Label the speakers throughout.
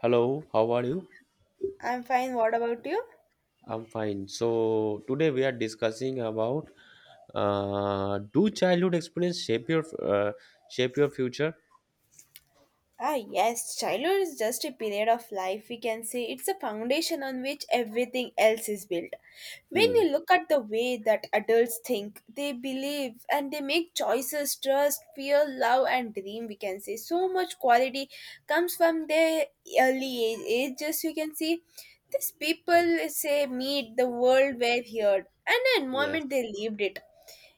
Speaker 1: Hello, how are you?
Speaker 2: I'm fine. What about you?
Speaker 1: I'm fine. So today we are discussing about do childhood experience shape your uh, future?
Speaker 2: Ah, yes, childhood is just a period of life. We can say it's a foundation on which everything else is built. When
Speaker 1: Hmm.
Speaker 2: you look at the way that adults think, they believe, and they make choices, trust, fear, love, and dream, we can say so much quality comes from their early age, ages. We can see these people say meet the world where heard and the environment
Speaker 1: Yes.
Speaker 2: they lived it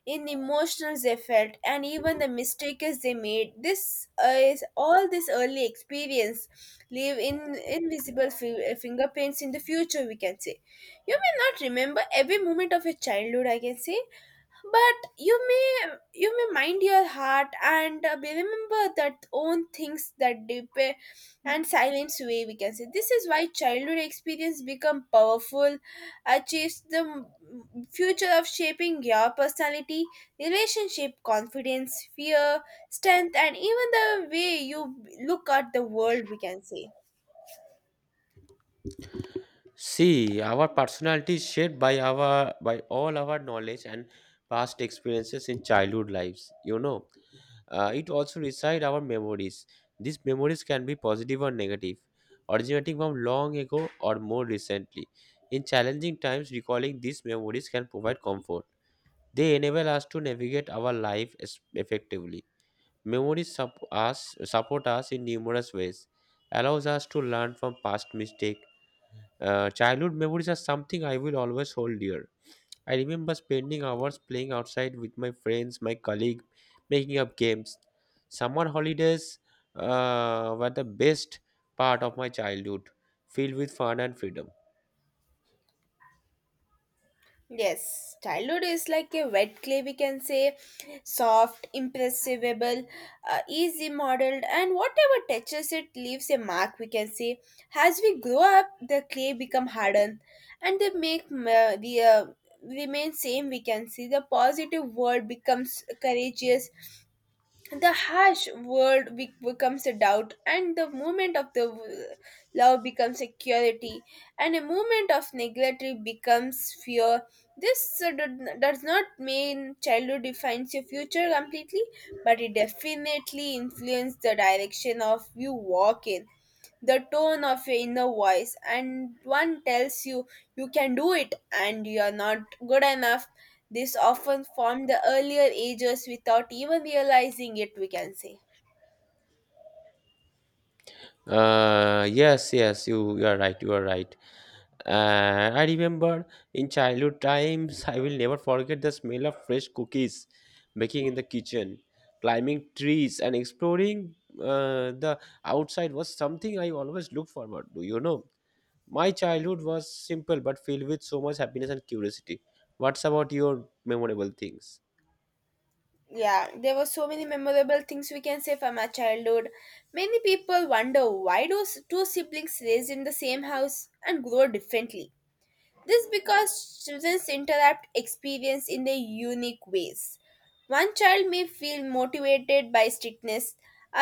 Speaker 2: in the emotions they felt and even the mistakes they made this is all this early experience leave in invisible fingerprints in the future, we can say. You may not remember every moment of your childhood, I can say, but you may mind your heart and remember that own things that deep and silence way, we can say. This is why childhood experience become powerful achieves the future of shaping your personality, relationship, confidence, fear, strength, and even the way you look at the world, we can say.
Speaker 1: See, our personality is shaped by our by all our knowledge and past experiences in childhood lives. You know, it also resides our memories. These memories can be positive or negative, originating from long ago or more recently. In challenging times, recalling these memories can provide comfort. They enable us to navigate our effectively. Memories support us in numerous ways, allows us to learn from past mistakes. Childhood memories are something I will always hold dear. I remember spending hours playing outside with my friends, my colleague, making up games. Summer holidays were the best part of my childhood, filled with fun and freedom.
Speaker 2: Yes, childhood is like a wet clay, we can say, soft, imperceptible, easy modeled, and whatever touches it leaves a mark, we can say. As we grow up, the clay become hardened, and they make ma- the remain same, we can see. The positive word becomes courageous, the harsh world becomes a doubt, and the moment of the love becomes security, and a moment of neglect becomes fear. This does not mean childhood defines your future completely, but it definitely influences the direction of you walk in, the tone of your inner voice, and one tells you you can do it and you are not good enough. This often formed the earlier ages without even realizing it, we can say.
Speaker 1: Yes, yes, you are right, you are right. I remember in childhood times, I will never forget the smell of fresh cookies baking in the kitchen, climbing trees, and exploring the outside was something I always look forward to, you know. My childhood was simple but filled with so much happiness and curiosity. What's about your memorable things?
Speaker 2: Yeah, there were so many memorable things, we can say, from our childhood. Many people wonder why do two siblings raised in the same house and grow differently. This because children interrupt experience in their unique ways. One child may feel motivated by strictness,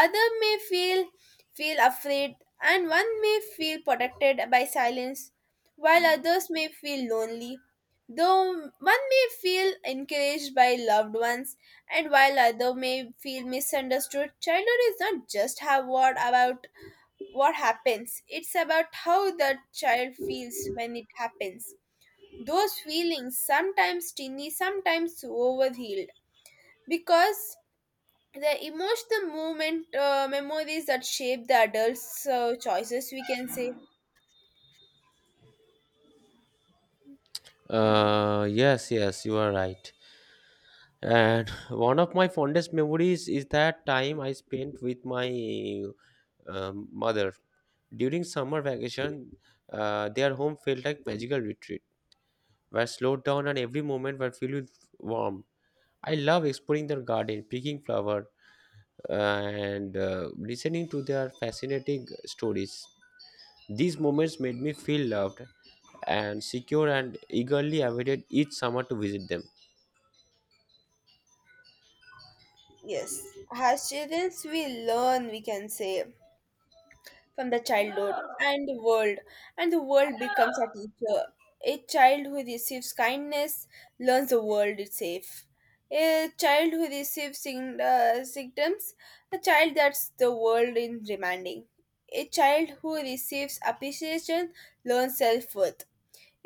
Speaker 2: other may feel feel afraid, and one may feel protected by silence, while others may feel lonely. Though one may feel encouraged by loved ones, and while other may feel misunderstood, childhood is not just how what about what happens. It's about how the child feels when it happens. Those feelings, sometimes teeny, sometimes overhealed, because the emotional movement memories that shape the adults' choices, we can say.
Speaker 1: Yes, yes, you are right. And one of my fondest memories is that time I spent with my mother. During summer vacation, their home felt like magical retreat, where slowed down and every moment were filled with warmth. I love exploring their garden, picking flower, and listening to their fascinating stories. These moments made me feel loved and secure, and eagerly awaited each summer to visit them.
Speaker 2: Yes. As students, we learn, we can say, from the childhood and the world, and the world becomes a teacher. A child who receives kindness learns the world is safe. A child who receives symptoms, a child that's the world in remanding, a child who receives appreciation learns self-worth,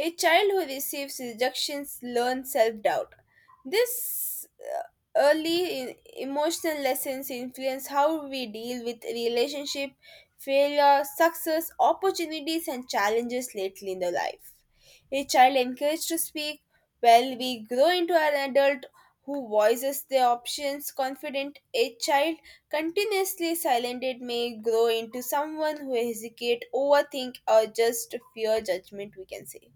Speaker 2: a child who receives rejections learns self doubt. This uh, early emotional lessons influence how we deal with relationship, failure, success, opportunities, and challenges lately in the life. A child encouraged to speak, while we grow into an adult who voices their options confident. A child continuously silenced may grow into someone who hesitate, overthink, or just fear judgment, we can say.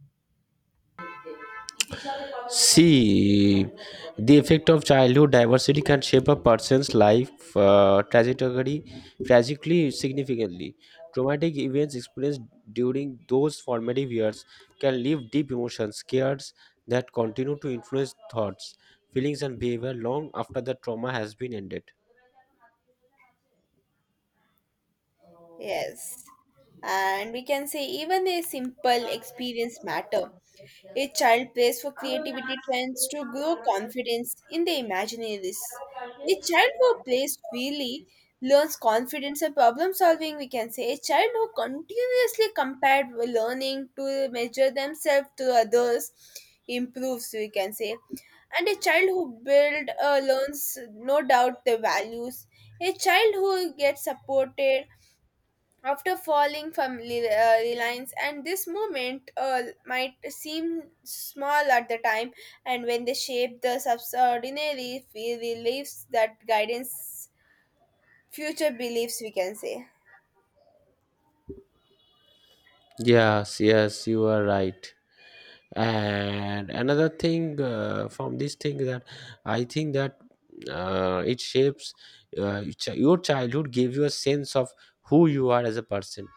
Speaker 1: See, the effect of childhood diversity can shape a person's life trajectory tragically significantly. Traumatic events experienced during those formative years can leave deep emotions, scares that continue to influence thoughts, feelings, and behavior long after the trauma has been ended.
Speaker 2: Yes. And we can say even a simple experience matter. A child plays for creativity trends to grow confidence in their imaginaries. A child who plays freely learns confidence and problem solving, we can say. A child who continuously compared learning to measure themselves to others improves, we can say. And a child who build learns no doubt the values. A child who gets supported after falling from reliance, and this movement might seem small at the time, and when they shape the subordinary beliefs that guidance future beliefs, we can say.
Speaker 1: Yes, yes, you are right. And another thing from this thing that I think that it shapes your chi- your childhood gave you a sense of who you are as a person.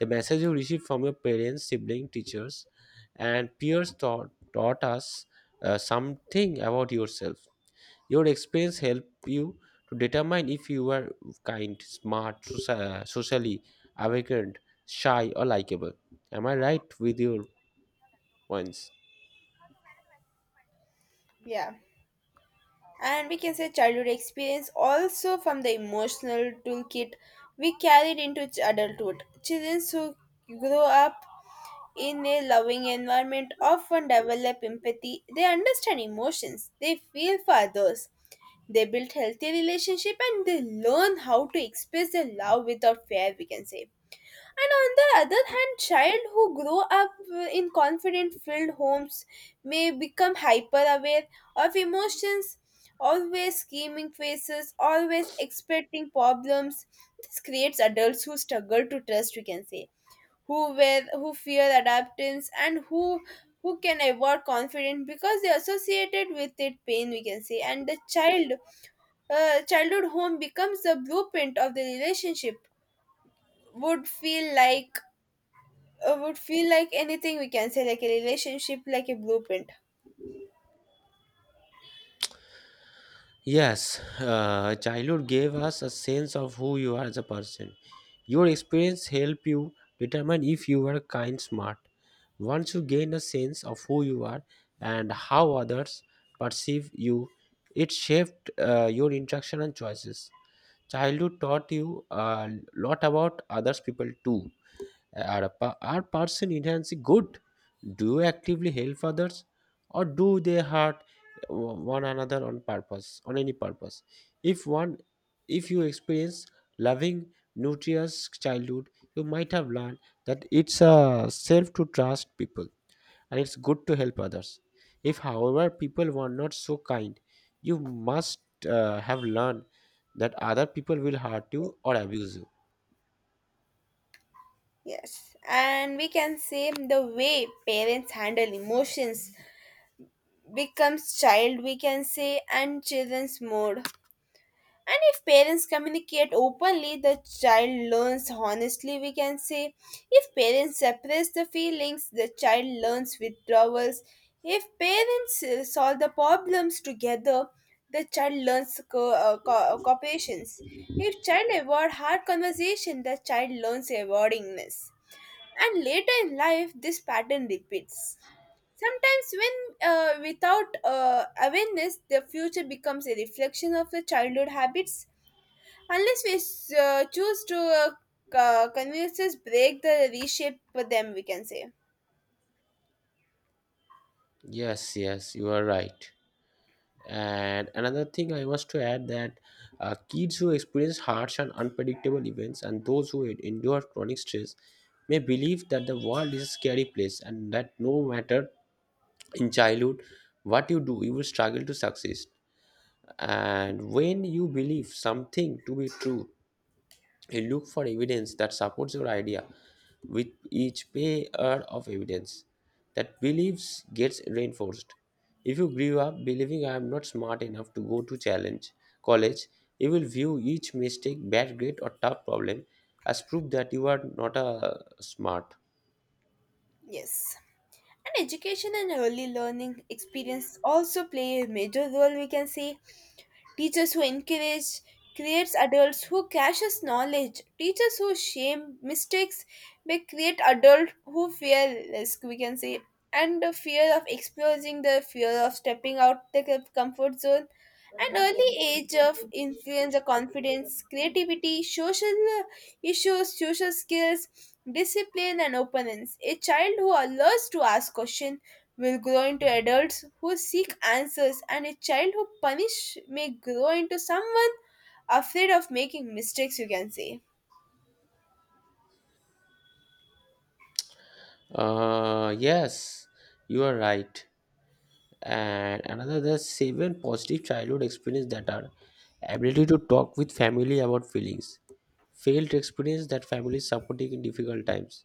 Speaker 1: The message you received from your parents, siblings, teachers and peers taught us something about yourself. Your experience help you to determine if you are kind, smart, socially awakened, shy or likable. Am I right with your points?
Speaker 2: Yeah, and we can say childhood experience also from the emotional toolkit we carried into adulthood. Children who grow up in a loving environment often develop empathy. They understand emotions, they feel for others. They build healthy relationship and they learn how to express their love without fear, we can say. And on the other hand, child who grow up in confident filled homes may become hyper aware of emotions, always scheming faces, always expecting problems. This creates adults who struggle to trust, we can say, who were who fear adaptance, and who can avoid confidence because they associated with it pain, we can say. And the child childhood home becomes the blueprint of the relationship would feel like, would feel like anything, we can say, like a relationship like a blueprint.
Speaker 1: Yes, childhood gave us a sense of who you are as a person. Your experience help you determine if you are kind, smart. Once you gain a sense of who you are and how others perceive you, it shaped your interaction and choices. Childhood taught you a lot about others people too. Are person enhancing good? Do you actively help others or do they hurt one another on purpose, on any purpose? If one, if you experience loving, nutritious childhood, you might have learned that it's a self to trust people and it's good to help others. If, however, people were not so kind, you must have learned that other people will hurt you or abuse you.
Speaker 2: Yes, and we can say the way parents handle emotions becomes child, we can say, and children's mode. And if parents communicate openly, the child learns honestly, we can say. If parents suppress the feelings, the child learns withdrawals. If parents solve the problems together, the child learns cooperation. If child avoid hard conversation, the child learns avoidingness. And later in life, this pattern repeats. Sometimes, when without awareness, the future becomes a reflection of the childhood habits. Unless we choose to convinces break the reshape them, we can say.
Speaker 1: Yes, yes, you are right. And another thing I was to add that kids who experience harsh and unpredictable events and those who endure chronic stress may believe that the world is a scary place, and that no matter in childhood what you do you will struggle to succeed. And when you believe something to be true, you look for evidence that supports your idea. With each pair of evidence, that beliefs gets reinforced. If you grew up believing I am not smart enough to go to challenge college, you will view each mistake, bad grade, or tough problem as proof that you are not a smart.
Speaker 2: Yes. And education and early learning experience also play a major role, we can say. Teachers who encourage creates adults who caches knowledge. Teachers who shame mistakes may create adults who fear risk, we can say, and the fear of exposing, the fear of stepping out the comfort zone an early age of influence the confidence, creativity, social issues, social skills, discipline, and openness. A child who learns to ask questions will grow into adults who seek answers, and a child who punish may grow into someone afraid of making mistakes, you can say.
Speaker 1: Yes, you are right. And another, the seven positive childhood experience that are: ability to talk with family about feelings, failed experience that family is supporting in difficult times,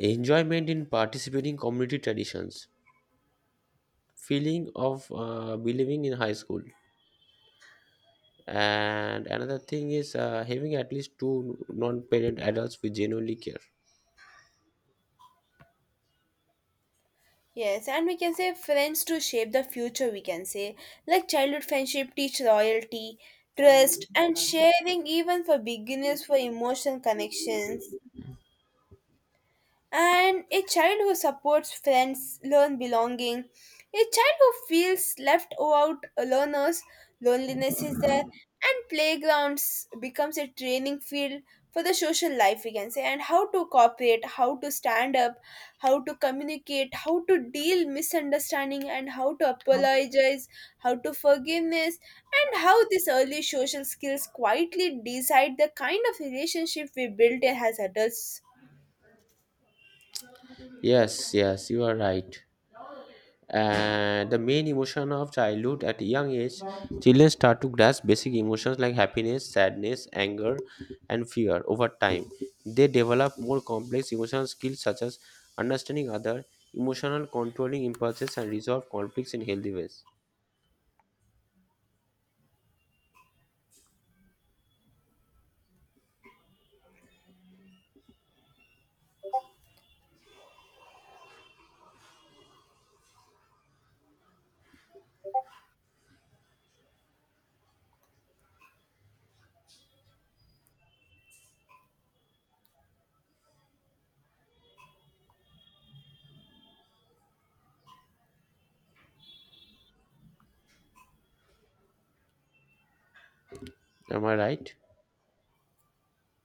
Speaker 1: enjoyment in participating community traditions, feeling of believing in high school, and another thing is having at least two non-parent adults who genuinely care.
Speaker 2: Yes, and we can say friends to shape the future, we can say. Like childhood friendship teach loyalty, trust, and sharing, even for beginners, for emotional connections. And a child who supports friends learn belonging. A child who feels left out learners, loneliness is there, and playgrounds becomes a training field for the social life, we can say, and how to cooperate, how to stand up, how to communicate, how to deal misunderstanding, and how to apologize, how to forgiveness, and how these early social skills quietly decide the kind of relationship we build as adults.
Speaker 1: Yes, yes, you are right. And the main emotion of childhood at a young age, children start to grasp basic emotions like happiness, sadness, anger and fear. Over time they develop more complex emotional skills such as understanding other, emotional controlling impulses and resolve conflicts in healthy ways. Am I right?